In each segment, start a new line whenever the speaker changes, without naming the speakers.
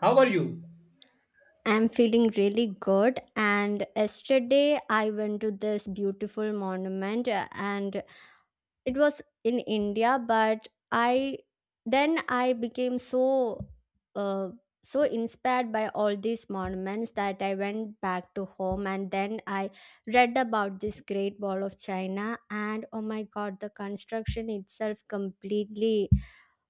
How are you?
I'm feeling really good. And yesterday I went to this beautiful monument and it was in India, but I then I became uh, so inspired by all these monuments that I went back to home and then I read about this Great Wall of China, and oh my god, the construction itself completely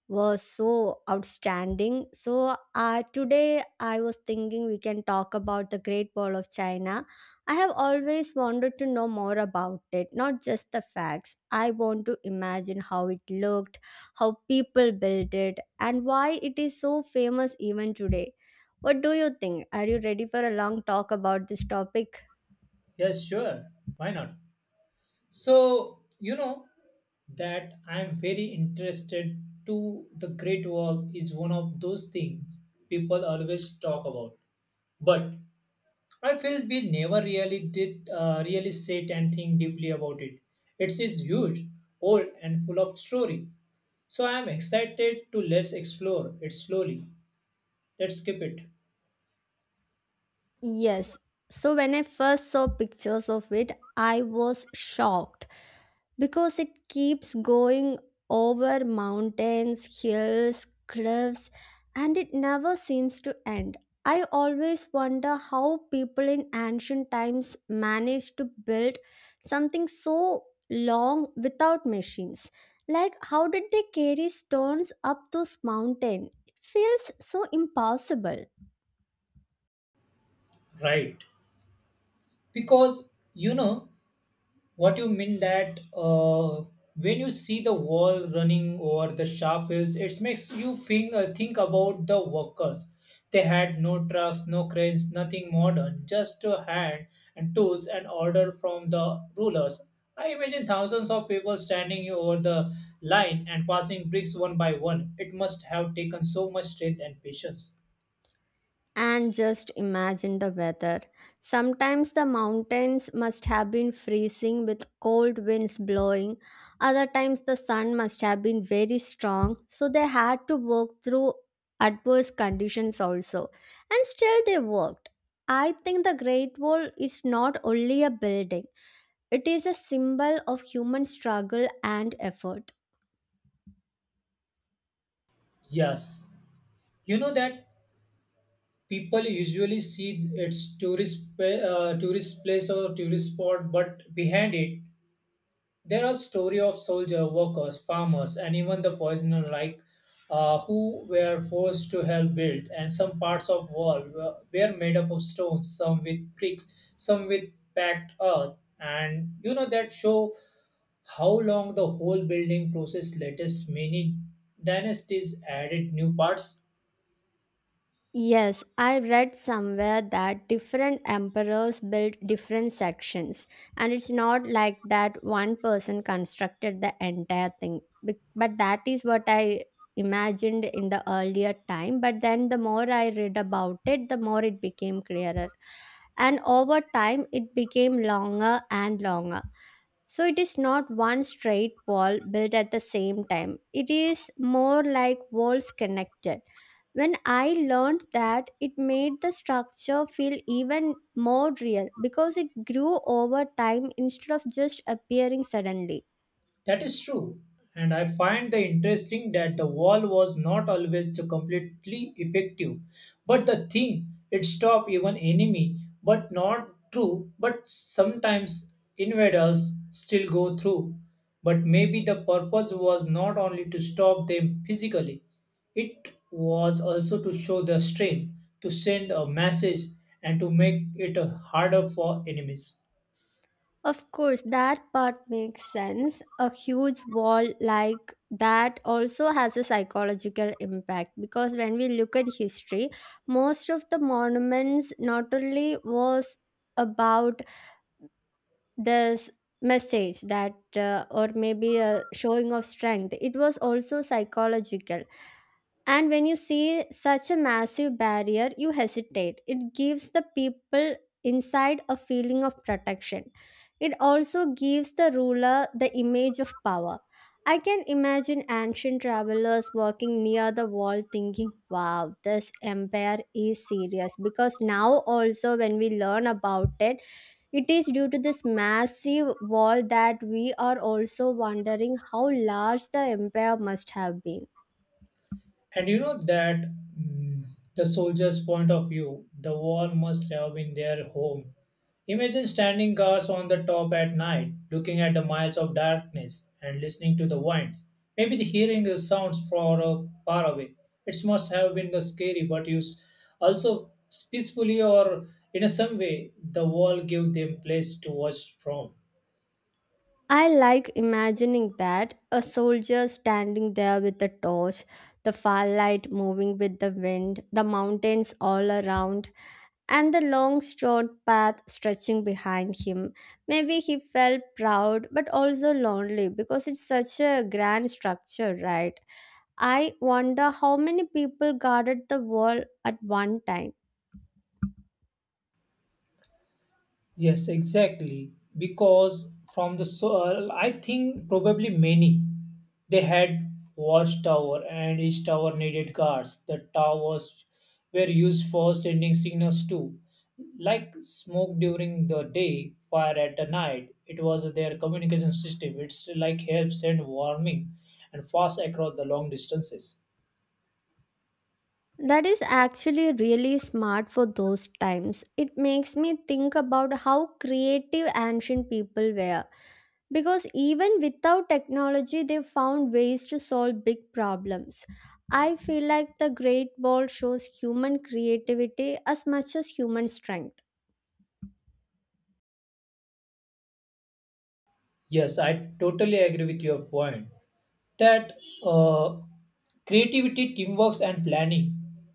was so outstanding. So today I was thinking we can talk about the Great Wall of China. I have always wanted to know more about it, not just the facts. I want to imagine how it looked, how people built it, and why it is so famous even today. What do you think? Are you ready for a long talk about this topic?
Yes, sure. Why not? So, you know that I'm very interested to the Great Wall is one of those things people always talk about. But I feel we never really did really sit and think deeply about it. It is huge, old and full of story. So I am excited to let's explore it slowly. Let's skip it.
Yes. So when I first saw pictures of it, I was shocked because it keeps going over mountains, hills, cliffs, and it never seems to end. I always wonder how people in ancient times managed to build something so long without machines. Like, how did they carry stones up those mountains? It feels so impossible.
Right. Because you know what you mean that when you see the wall running over the sharp hills, it makes you think about the workers. They had no trucks, no cranes, nothing modern, just a hand and tools and order from the rulers. I imagine thousands of people standing over the line and passing bricks one by one. It must have taken so much strength and patience.
And just imagine the weather. Sometimes the mountains must have been freezing with cold winds blowing. Other times the sun must have been very strong, so they had to work through adverse conditions also. And still they worked. I think the Great Wall is not only a building, it is a symbol of human struggle and effort.
Yes. You know that people usually see its tourist place or tourist spot, but behind it there are story of soldier workers farmers and even the poisoner like who were forced to help build, and some parts of wall were made up of stones, some with bricks, some with packed earth. And you know that show how long the whole building process latest. Many dynasties added new parts.
Yes, I read somewhere that different emperors built different sections, and it's not like that one person constructed the entire thing. But that is what I imagined in the earlier time. But then the more I read about it, the more it became clearer. And over time, it became longer and longer. So it is not one straight wall built at the same time, it is more like walls connected. When I learned that, it made the structure feel even more real because it grew over time instead of just appearing suddenly.
That is true. And I find the interesting that the wall was not always to completely effective. But the thing, it stopped even enemy, but not true, but sometimes invaders still go through. But maybe the purpose was not only to stop them physically, it was also to show their strength, to send a message and to make it harder for enemies.
Of course, that part makes sense. A huge wall like that also has a psychological impact because when we look at history, most of the monuments not only was about this message that or maybe a showing of strength, it was also psychological. And when you see such a massive barrier, you hesitate. It gives the people inside a feeling of protection. It also gives the ruler the image of power. I can imagine ancient travelers walking near the wall thinking, wow, this empire is serious. Because now, also, when we learn about it, it is due to this massive wall that we are also wondering how large the empire must have been.
And you know that, mm, the soldier's point of view, the wall must have been their home. Imagine standing guards on the top at night, looking at the miles of darkness and listening to the winds. Maybe the hearing the sounds far away. It must have been the scary, but also peacefully or in a some way, the wall gave them place to watch from.
I like imagining that a soldier standing there with a torch, the firelight moving with the wind, the mountains all around, and the long straight path stretching behind him. Maybe he felt proud but also lonely because it's such a grand structure, right? I wonder how many people guarded the wall at one time.
Yes, exactly. Because from the soil, I think probably many, they had watchtower and each tower needed guards. The towers were used for sending signals too, like smoke during the day, fire at the night. It was their communication system. It's like help send warming and fast across the long distances.
That is actually really smart for those times. It makes me think about how creative ancient people were, because even without technology they found ways to solve big problems. I feel like the Great Wall shows human creativity as much as human strength.
Yes, I totally agree with your point, that uh, creativity, teamwork, and planning,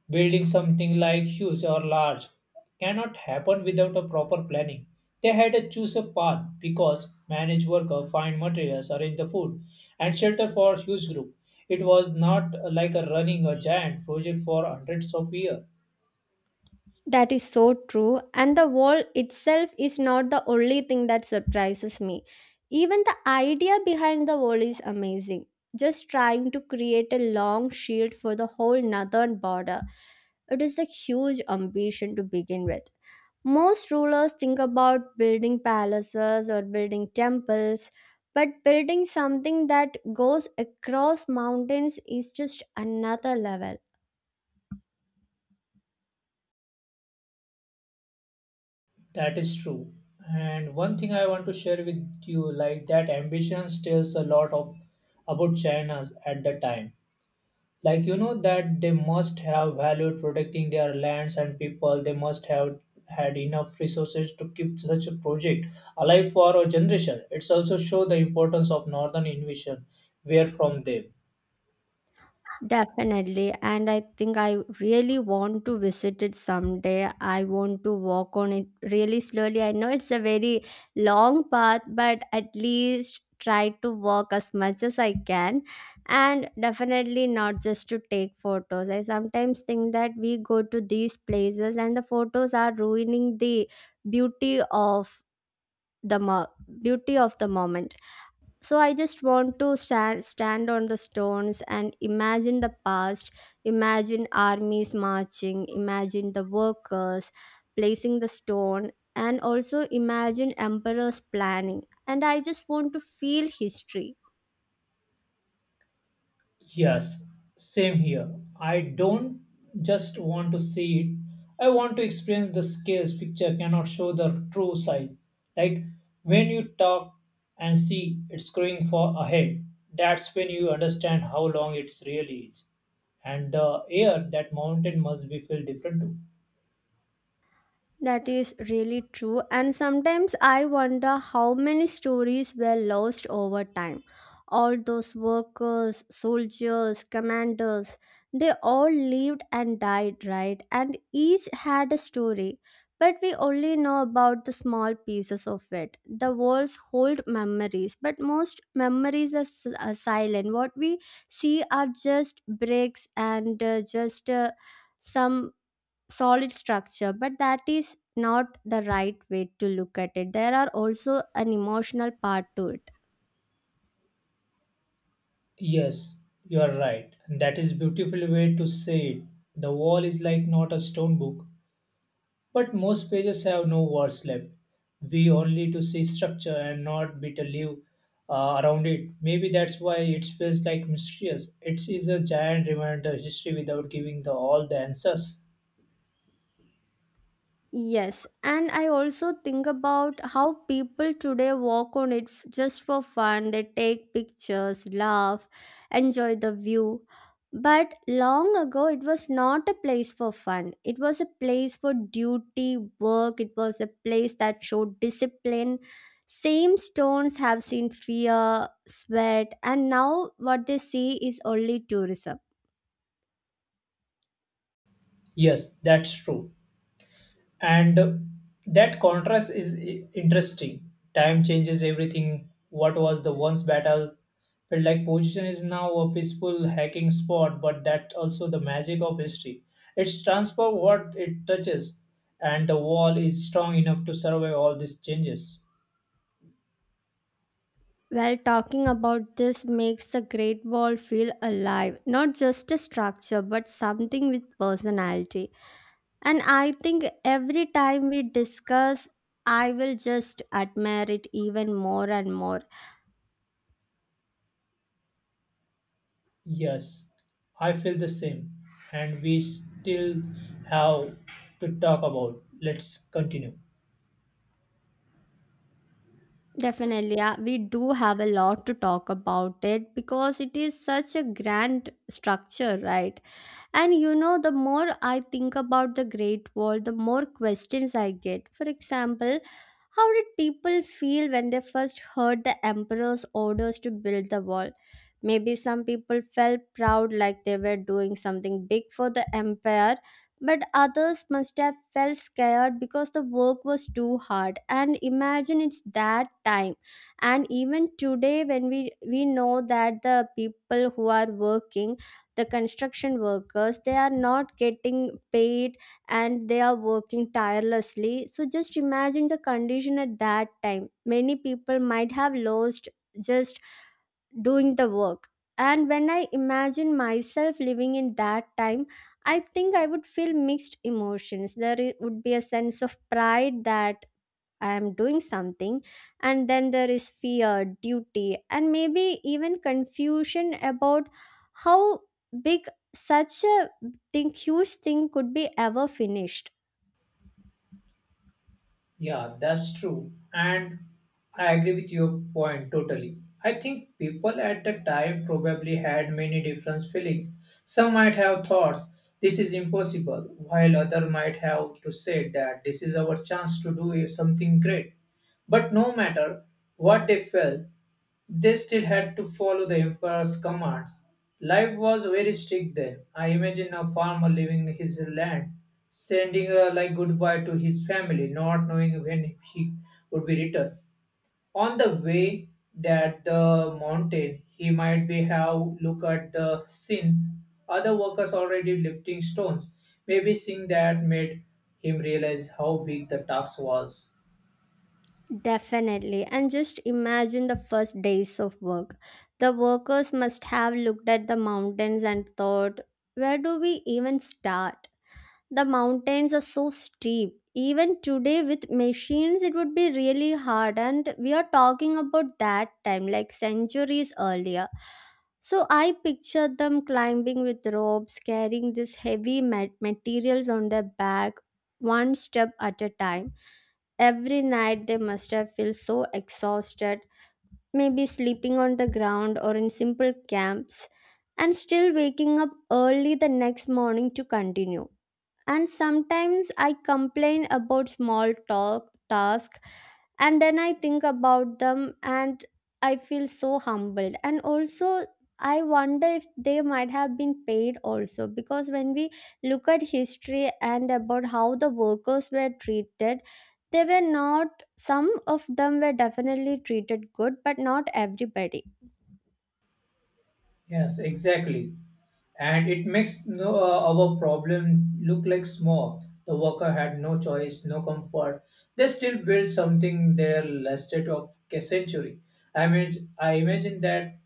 building something like huge or large, cannot happen without a proper planning. They had to choose a path because manage worker, find materials, arrange the food, and shelter for huge group. It was not like a running a giant project for hundreds of years.
That is so true. And the wall itself is not the only thing that surprises me. Even the idea behind the wall is amazing. Just trying to create a long shield for the whole northern border. It is a huge ambition to begin with. Most rulers think about building palaces or building temples, but building something that goes across mountains is just another level.
That is true. And one thing I want to share with you, like that ambition tells a lot of about China's at the time. Like you know that they must have valued protecting their lands and people, they must have had enough resources to keep such a project alive for a generation. It's also show the importance of northern invasion where from them.
Definitely, and I think I really want to visit it someday. I want to walk on it really slowly. I know it's a very long path, but at least try to walk as much as I can. And definitely not just to take photos. I sometimes think that we go to these places and the photos are ruining the beauty of the mo- beauty of the moment. So I just want to stand on the stones and imagine the past, imagine armies marching, imagine the workers placing the stone, and also imagine emperors planning, and I just want to feel history.
Yes, same here. I don't just want to see it, I want to experience the scales picture cannot show the true size. Like when you talk and see it's growing for ahead, that's when you understand how long it really is. And the air that mountain must be feel different too.
That is really true. And sometimes I wonder how many stories were lost over time. All those workers, soldiers, commanders, they all lived and died, right? And each had a story. But we only know about the small pieces of it. The walls hold memories, but most memories are silent. What we see are just bricks and just some solid structure, but that is not the right way to look at it. There are also an emotional part to it.
Yes, you are right. That is beautiful way to say it. The wall is like not a stone book. But most pages have no words left. We only to see structure and not bit a leaf around it. Maybe that's why it feels like mysterious. It is a giant reminder history without giving the all the answers.
Yes, and I also think about how people today walk on it just for fun. They take pictures, laugh, enjoy the view. But long ago, it was not a place for fun. It was a place for duty, work. It was a place that showed discipline. Same stones have seen fear, sweat, and now what they see is only tourism.
Yes, that's true. And that contrast is interesting. Time changes everything. What was the once battle felt like position is now a peaceful hacking spot. But that also the magic of history, it's transformed what it touches, and the wall is strong enough to survive all these changes.
Well, talking about this makes the Great Wall feel alive, not just a structure, but something with personality. And I think every time we discuss, I will just admire it even more and more.
Yes, I feel the same, and we still have to talk about. Let's continue.
Definitely, we do have a lot to talk about it because it is such a grand structure, right? And you know, the more I think about the Great Wall, the more questions I get. For example, how did people feel when they first heard the emperor's orders to build the wall? Maybe some people felt proud, like they were doing something big for the empire, but others must have felt scared because the work was too hard. And imagine it's that time. And even today, when we know that the people who are working, the construction workers, they are not getting paid and they are working tirelessly, so just imagine the condition at that time. Many people might have lost just doing the work. And when I imagine myself living in that time, I think I would feel mixed emotions. There would be a sense of pride that I am doing something. And then there is fear, duty, and maybe even confusion about how big such a huge thing could be ever finished.
Yeah, that's true. And I agree with your point totally. I think people at the time probably had many different feelings. Some might have thoughts, this is impossible, while other might have to say that this is our chance to do something great. But no matter what they felt, they still had to follow the emperor's commands. Life was very strict then. I imagine a farmer leaving his land, sending a like goodbye to his family, not knowing when he would be returned. On the way that the mountain, he might be have look at the scene. Other workers already lifting stones. Maybe seeing that made him realize how big the task was.
Definitely. And just imagine the first days of work. The workers must have looked at the mountains and thought, where do we even start? The mountains are so steep. Even today, with machines, it would be really hard. And we are talking about that time, like centuries earlier. So I pictured them climbing with ropes, carrying these heavy materials on their back, one step at a time. Every night, they must have felt so exhausted, maybe sleeping on the ground or in simple camps, and still waking up early the next morning to continue. And sometimes I complain about small talk task, and then I think about them and I feel so humbled. And also I wonder if they might have been paid also, because when we look at history and about how the workers were treated, they were not, some of them were definitely treated good but not everybody.
Yes, exactly. And it makes no, our problem look like small. The worker had no choice, no comfort. They still built something there lasted of a century. I mean, I imagine that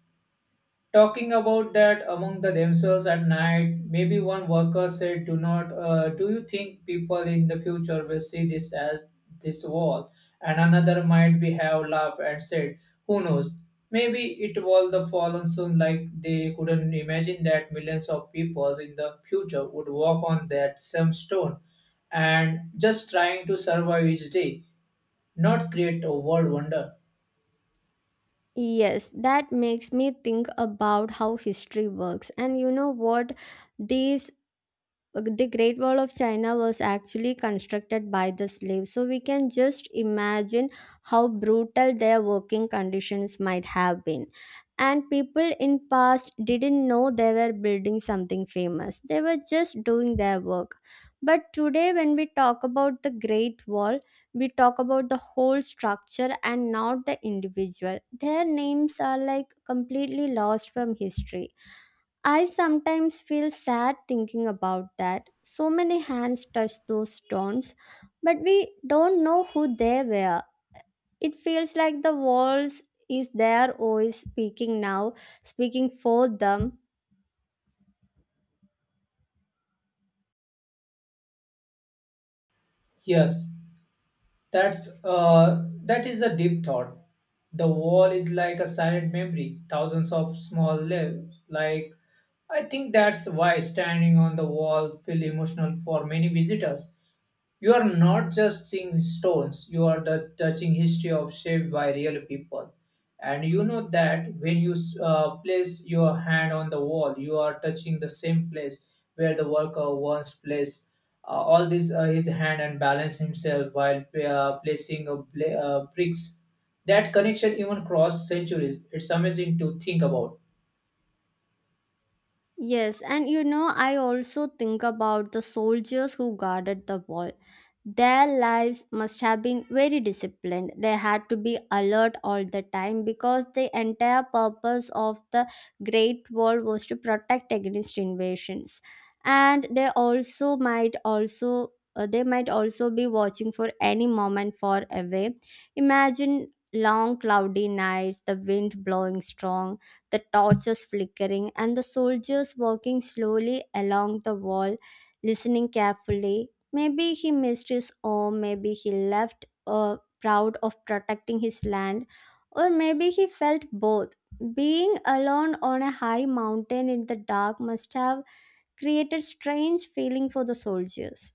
talking about that among the themselves at night, maybe one worker said, do not do you think people in the future will see this as this wall? And another might be have laughed and said, who knows, maybe it will the fallen soon. Like they couldn't imagine that millions of people in the future would walk on that same stone, and just trying to survive each day, not create a world wonder.
Yes, that makes me think about how history works. And you know what? These the Great Wall of China was actually constructed by the slaves. So we can just imagine how brutal their working conditions might have been. And people in past didn't know they were building something famous. They were just doing their work. But today when we talk about the Great Wall, we talk about the whole structure and not the individual. Their names are like completely lost from history. I sometimes feel sad thinking about that. So many hands touched those stones, but we don't know who they were. It feels like the walls is there always speaking now, speaking for them.
Yes. That is a deep thought. The wall is like a silent memory, thousands of small lives. Like I think that's why standing on the wall feel emotional for many visitors. You are not just seeing stones, you are the touching history of shaped by real people. And you know that when you place your hand on the wall, you are touching the same place where the worker once placed all this his hand and balance himself while placing a bricks. That connection even crossed centuries. It's amazing to think about.
Yes, and you know, I also think about the soldiers who guarded the wall. Their lives must have been very disciplined. They had to be alert all the time because the entire purpose of the Great Wall was to protect against invasions. And they also might also they might also be watching for any moment far away. Imagine long cloudy nights, the wind blowing strong, the torches flickering, and the soldiers walking slowly along the wall, listening carefully. Maybe he missed his home, maybe he left proud of protecting his land, or maybe he felt both. Being alone on a high mountain in the dark must have created strange feeling for the soldiers.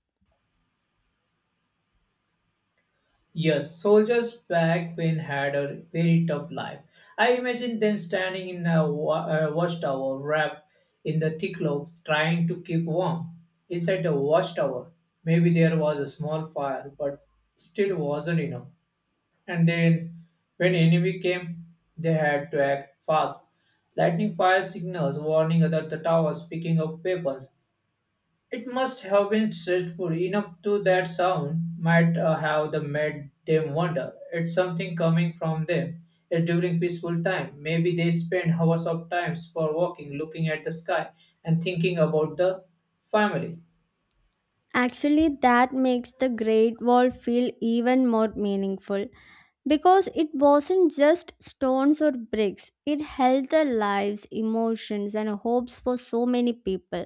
Yes, soldiers back when had a very tough life. I imagine them standing in a watchtower wrapped in the thick cloak, trying to keep warm. Inside the watchtower, maybe there was a small fire, but still wasn't enough. And then, when enemy came, they had to act fast. Lightning fire signals warning other the towers, picking up weapons, it must have been stressful enough to that sound might have the made them wonder. It's something coming from them. During peaceful time, maybe they spend hours of times for walking, looking at the sky, and thinking about the family.
Actually, that makes the Great Wall feel even more meaningful. Because it wasn't just stones or bricks, it held the lives, emotions and hopes for so many people,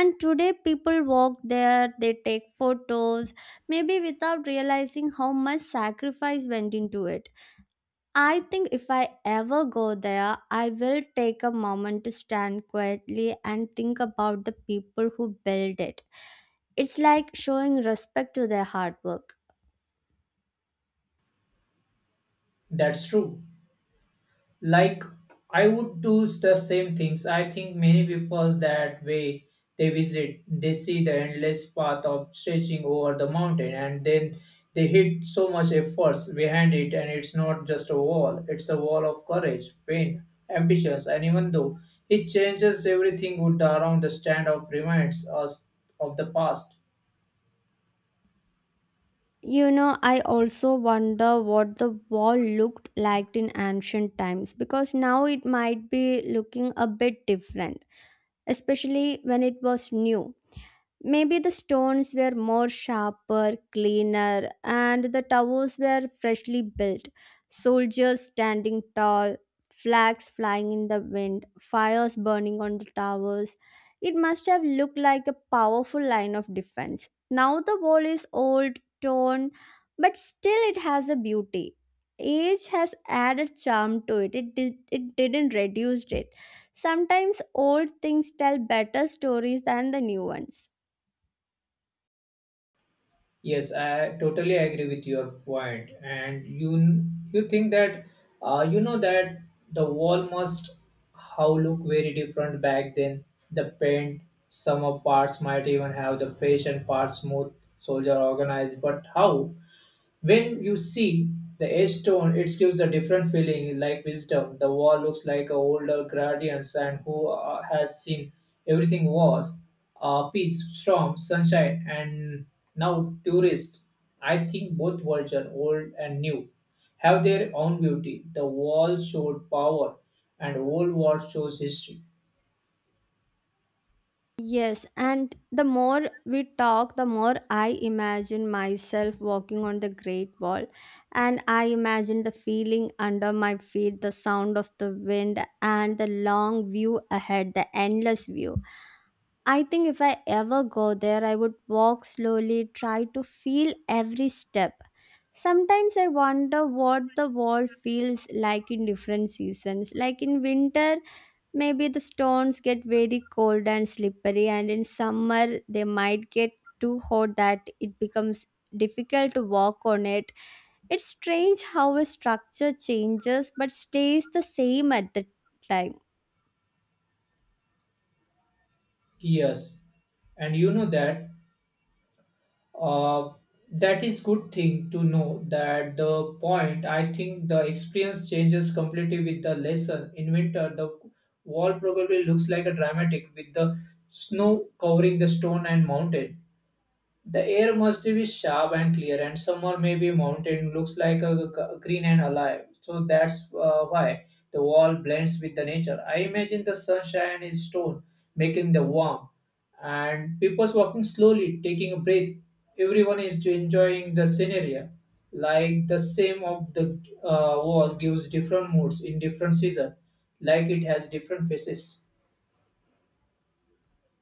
and today people walk there, they take photos, maybe without realizing how much sacrifice went into it. I think if I ever go there, I will take a moment to stand quietly and think about the people who built it. It's like showing respect to their hard work.
That's true. Like I would do the same things. I think many people that way, they visit, they see the endless path of stretching over the mountain, and then they hit so much efforts behind it. And it's not just a wall, it's a wall of courage, pain, ambitions. And even though it changes everything would around, the stand of reminds us of the past.
I also wonder what the wall looked like in ancient times, because now it might be looking a bit different, especially when it was new. Maybe the stones were more sharper, cleaner, and the towers were freshly built. Soldiers standing tall, flags flying in the wind, fires burning on the towers. It must have looked like a powerful line of defense. Now the wall is old, torn, but still it has a beauty. Age has added charm to it. It didn't reduce it. Sometimes old things tell better stories than the new ones.
Yes, I totally agree with your point. And you think that you know that the wall must how look very different back then. The paint, some of parts might even have the face and parts smooth, soldier organized. But how? When you see the edge tone, it gives a different feeling, like wisdom. The wall looks like a older guardians and who has seen everything was peace, storm, sunshine, and now tourists. I think both version, old and new, have their own beauty. The wall showed power, and old war shows history.
Yes, and the more we talk, the more I imagine myself walking on the Great Wall. And I imagine the feeling under my feet, the sound of the wind, and the long view ahead, the endless view. I think if I ever go there, I would walk slowly, try to feel every step. Sometimes I wonder what the wall feels like in different seasons. Like in winter, maybe the stones get very cold and slippery, and in summer they might get too hot that it becomes difficult to walk on it. It's strange how a structure changes but stays the same at the time.
Yes, and you know that. Uh, that is good thing to know, that the point. I think the experience changes completely with the lesson. In winter the wall probably looks like a dramatic with the snow covering the stone and mountain. The air must be sharp and clear. And summer maybe mountain looks like a, green and alive. So that's why the wall blends with the nature. I imagine the sunshine is stone, making the warm, and people's walking slowly, taking a breath. Everyone is enjoying the scenery. Like the same of the wall gives different moods in different season, like it has different faces.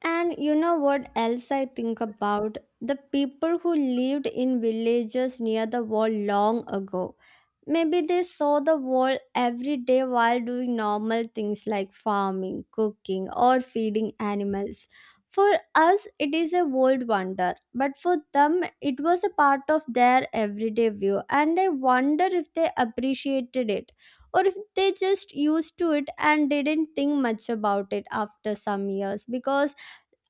And you know what else I think about? The people who lived in villages near the wall long ago. Maybe they saw the wall every day while doing normal things like farming, cooking, or feeding animals. For us, it is a world wonder, but for them, it was a part of their everyday view, and I wonder if they appreciated it, or if they just used to it and didn't think much about it after some years. Because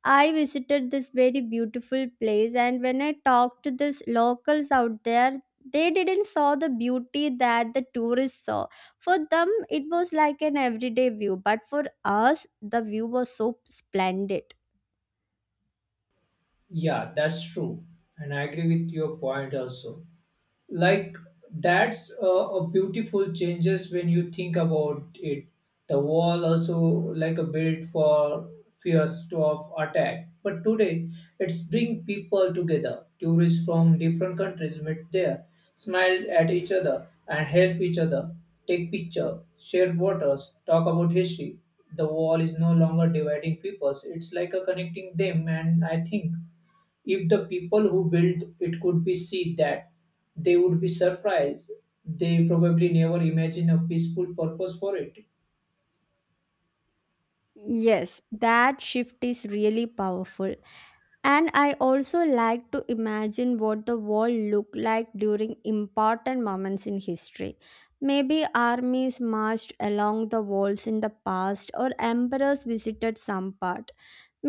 I visited this very beautiful place, and when I talked to these locals out there, they didn't saw the beauty that the tourists saw. For them it was like an everyday view, but for us the view was so splendid.
Yeah, that's true, and I agree with your point also. Like that's a beautiful changes when you think about it. The wall also like a build for fears of attack, but today it's bring people together. Tourists from different countries meet there, smiled at each other and help each other, take picture, share waters, talk about history. The wall is no longer dividing peoples, it's like a connecting them. And I think if the people who built it could be see that, they would be surprised. They probably never imagine a peaceful purpose for it.
Yes, that shift is really powerful. And I also like to imagine what the world looked like during important moments in history. Maybe armies marched along the walls in the past, or emperors visited some part.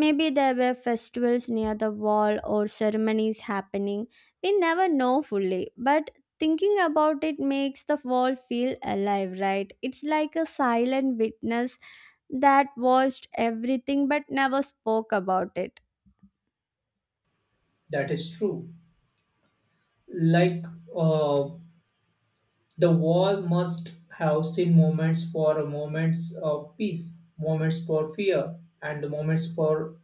Maybe there were festivals near the wall or ceremonies happening. We never know fully, but thinking about it makes the wall feel alive, right? It's like a silent witness that watched everything but never spoke about it.
That is true. Like uh, the wall must have seen moments for moments of peace, moments for fear, and moments for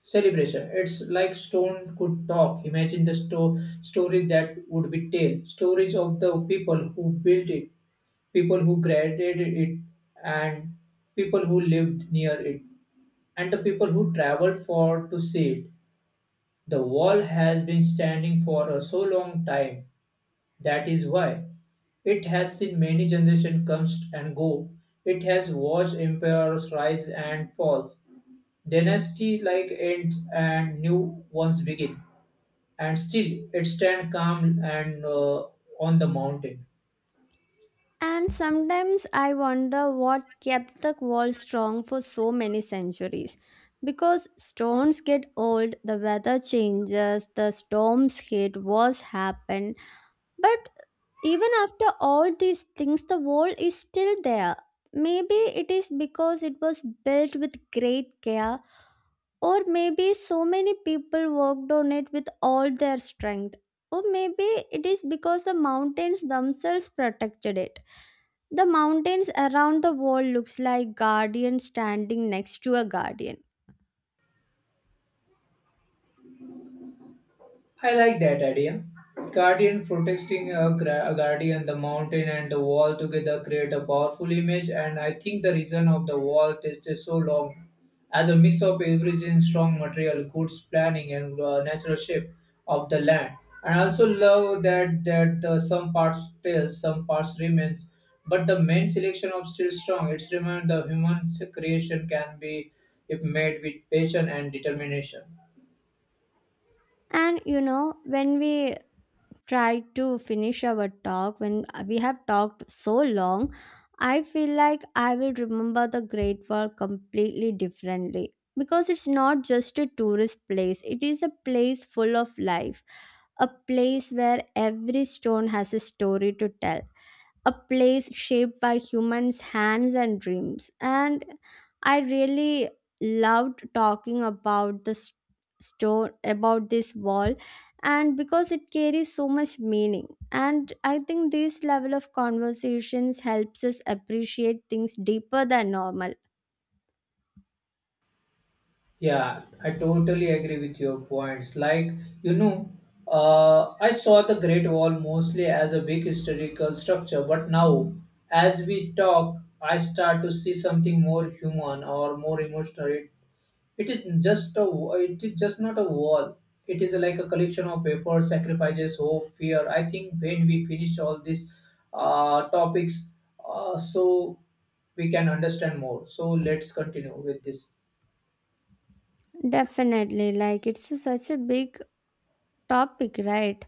celebration. It's like stone could talk. Imagine the story that would be tell. Stories of the people who built it, people who created it, and people who lived near it, and the people who traveled for to see it. The wall has been standing for a so long time. That is why it has seen many generations come and go. It has watched empires rise and falls, dynasty like end and new ones begin. And still, it stands calm and on the mountain.
And sometimes I wonder what kept the wall strong for so many centuries. Because stones get old, the weather changes, the storms hit, wars happen. But even after all these things, the wall is still there. Maybe it is because it was built with great care, or maybe so many people worked on it with all their strength. Or maybe it is because the mountains themselves protected it. The mountains around the wall looks like guardian standing next to a guardian.
I like that idea. Guardian protecting a a guardian, the mountain and the wall together create a powerful image. And I think the reason of the wall tasted so long as a mix of everything, strong material, good planning, and natural shape of the land. And I also love that some parts stays, some parts remains, but the main selection of still strong. It's remind the human creation can be if made with passion and determination.
And when we try to finish our talk, when we have talked so long, I feel like I will remember the Great Wall completely differently, because it's not just a tourist place, it is a place full of life, a place where every stone has a story to tell, a place shaped by humans' hands and dreams. And I really loved talking about stone, about this wall, and because it carries so much meaning. And I think this level of conversations helps us appreciate things deeper than normal.
Yeah, I totally agree with your points. Like, you know, I saw the Great Wall mostly as a big historical structure, but now, as we talk, I start to see something more human or more emotional. It is just a, it is just not a wall. It is like a collection of efforts, sacrifices, hope, fear. I think when we finish all these topics, so we can understand more. So let's continue with this.
Definitely, such a big topic, right?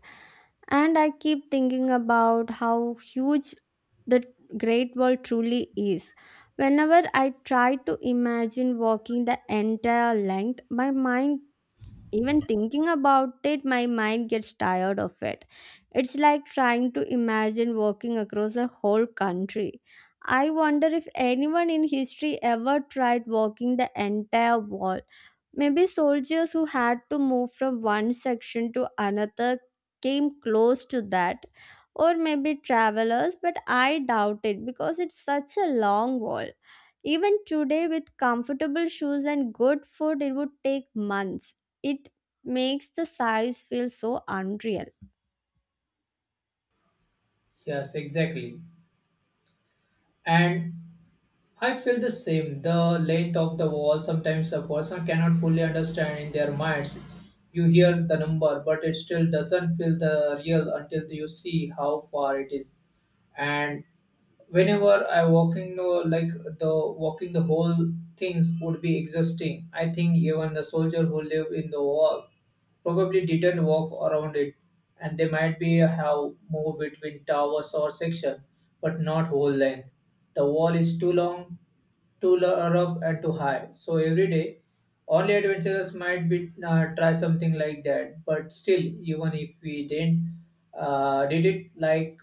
And I keep thinking about how huge the Great Wall truly is. Whenever I try to imagine walking the entire length, even thinking about it, my mind gets tired of it. It's like trying to imagine walking across a whole country. I wonder if anyone in history ever tried walking the entire wall. Maybe soldiers who had to move from one section to another came close to that, or maybe travelers, but I doubt it because it's such a long wall. Even today, with comfortable shoes and good food, it would take months. It makes the size feel so unreal.
Yes, exactly. And I feel the same. The length of the wall sometimes a person cannot fully understand in their minds. You hear the number, but it still doesn't feel the real until you see how far it is. And whenever I walking, no, like the walking the whole things would be exhausting. I think even the soldier who live in the wall probably didn't walk around it, and they might be have moved between towers or section, but not whole length. The wall is too long, rough, and too high. So every day, only adventurers might be try something like that. But still, even if we didn't did it like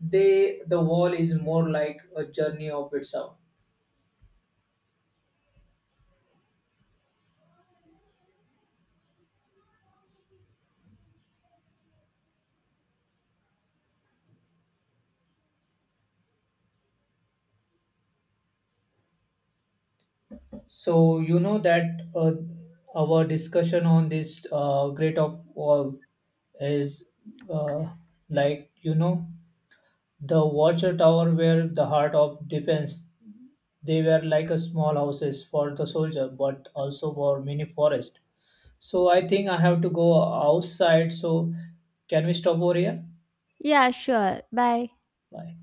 they, the wall is more like a journey of itself. So you know that uh, our discussion on this great of wall is, uh, like you know, the watcher tower were the heart of defense. They were like a small houses for the soldier, but also for many forest. So I think I have to go outside. So can we stop over here?
Yeah, sure. Bye.
Bye.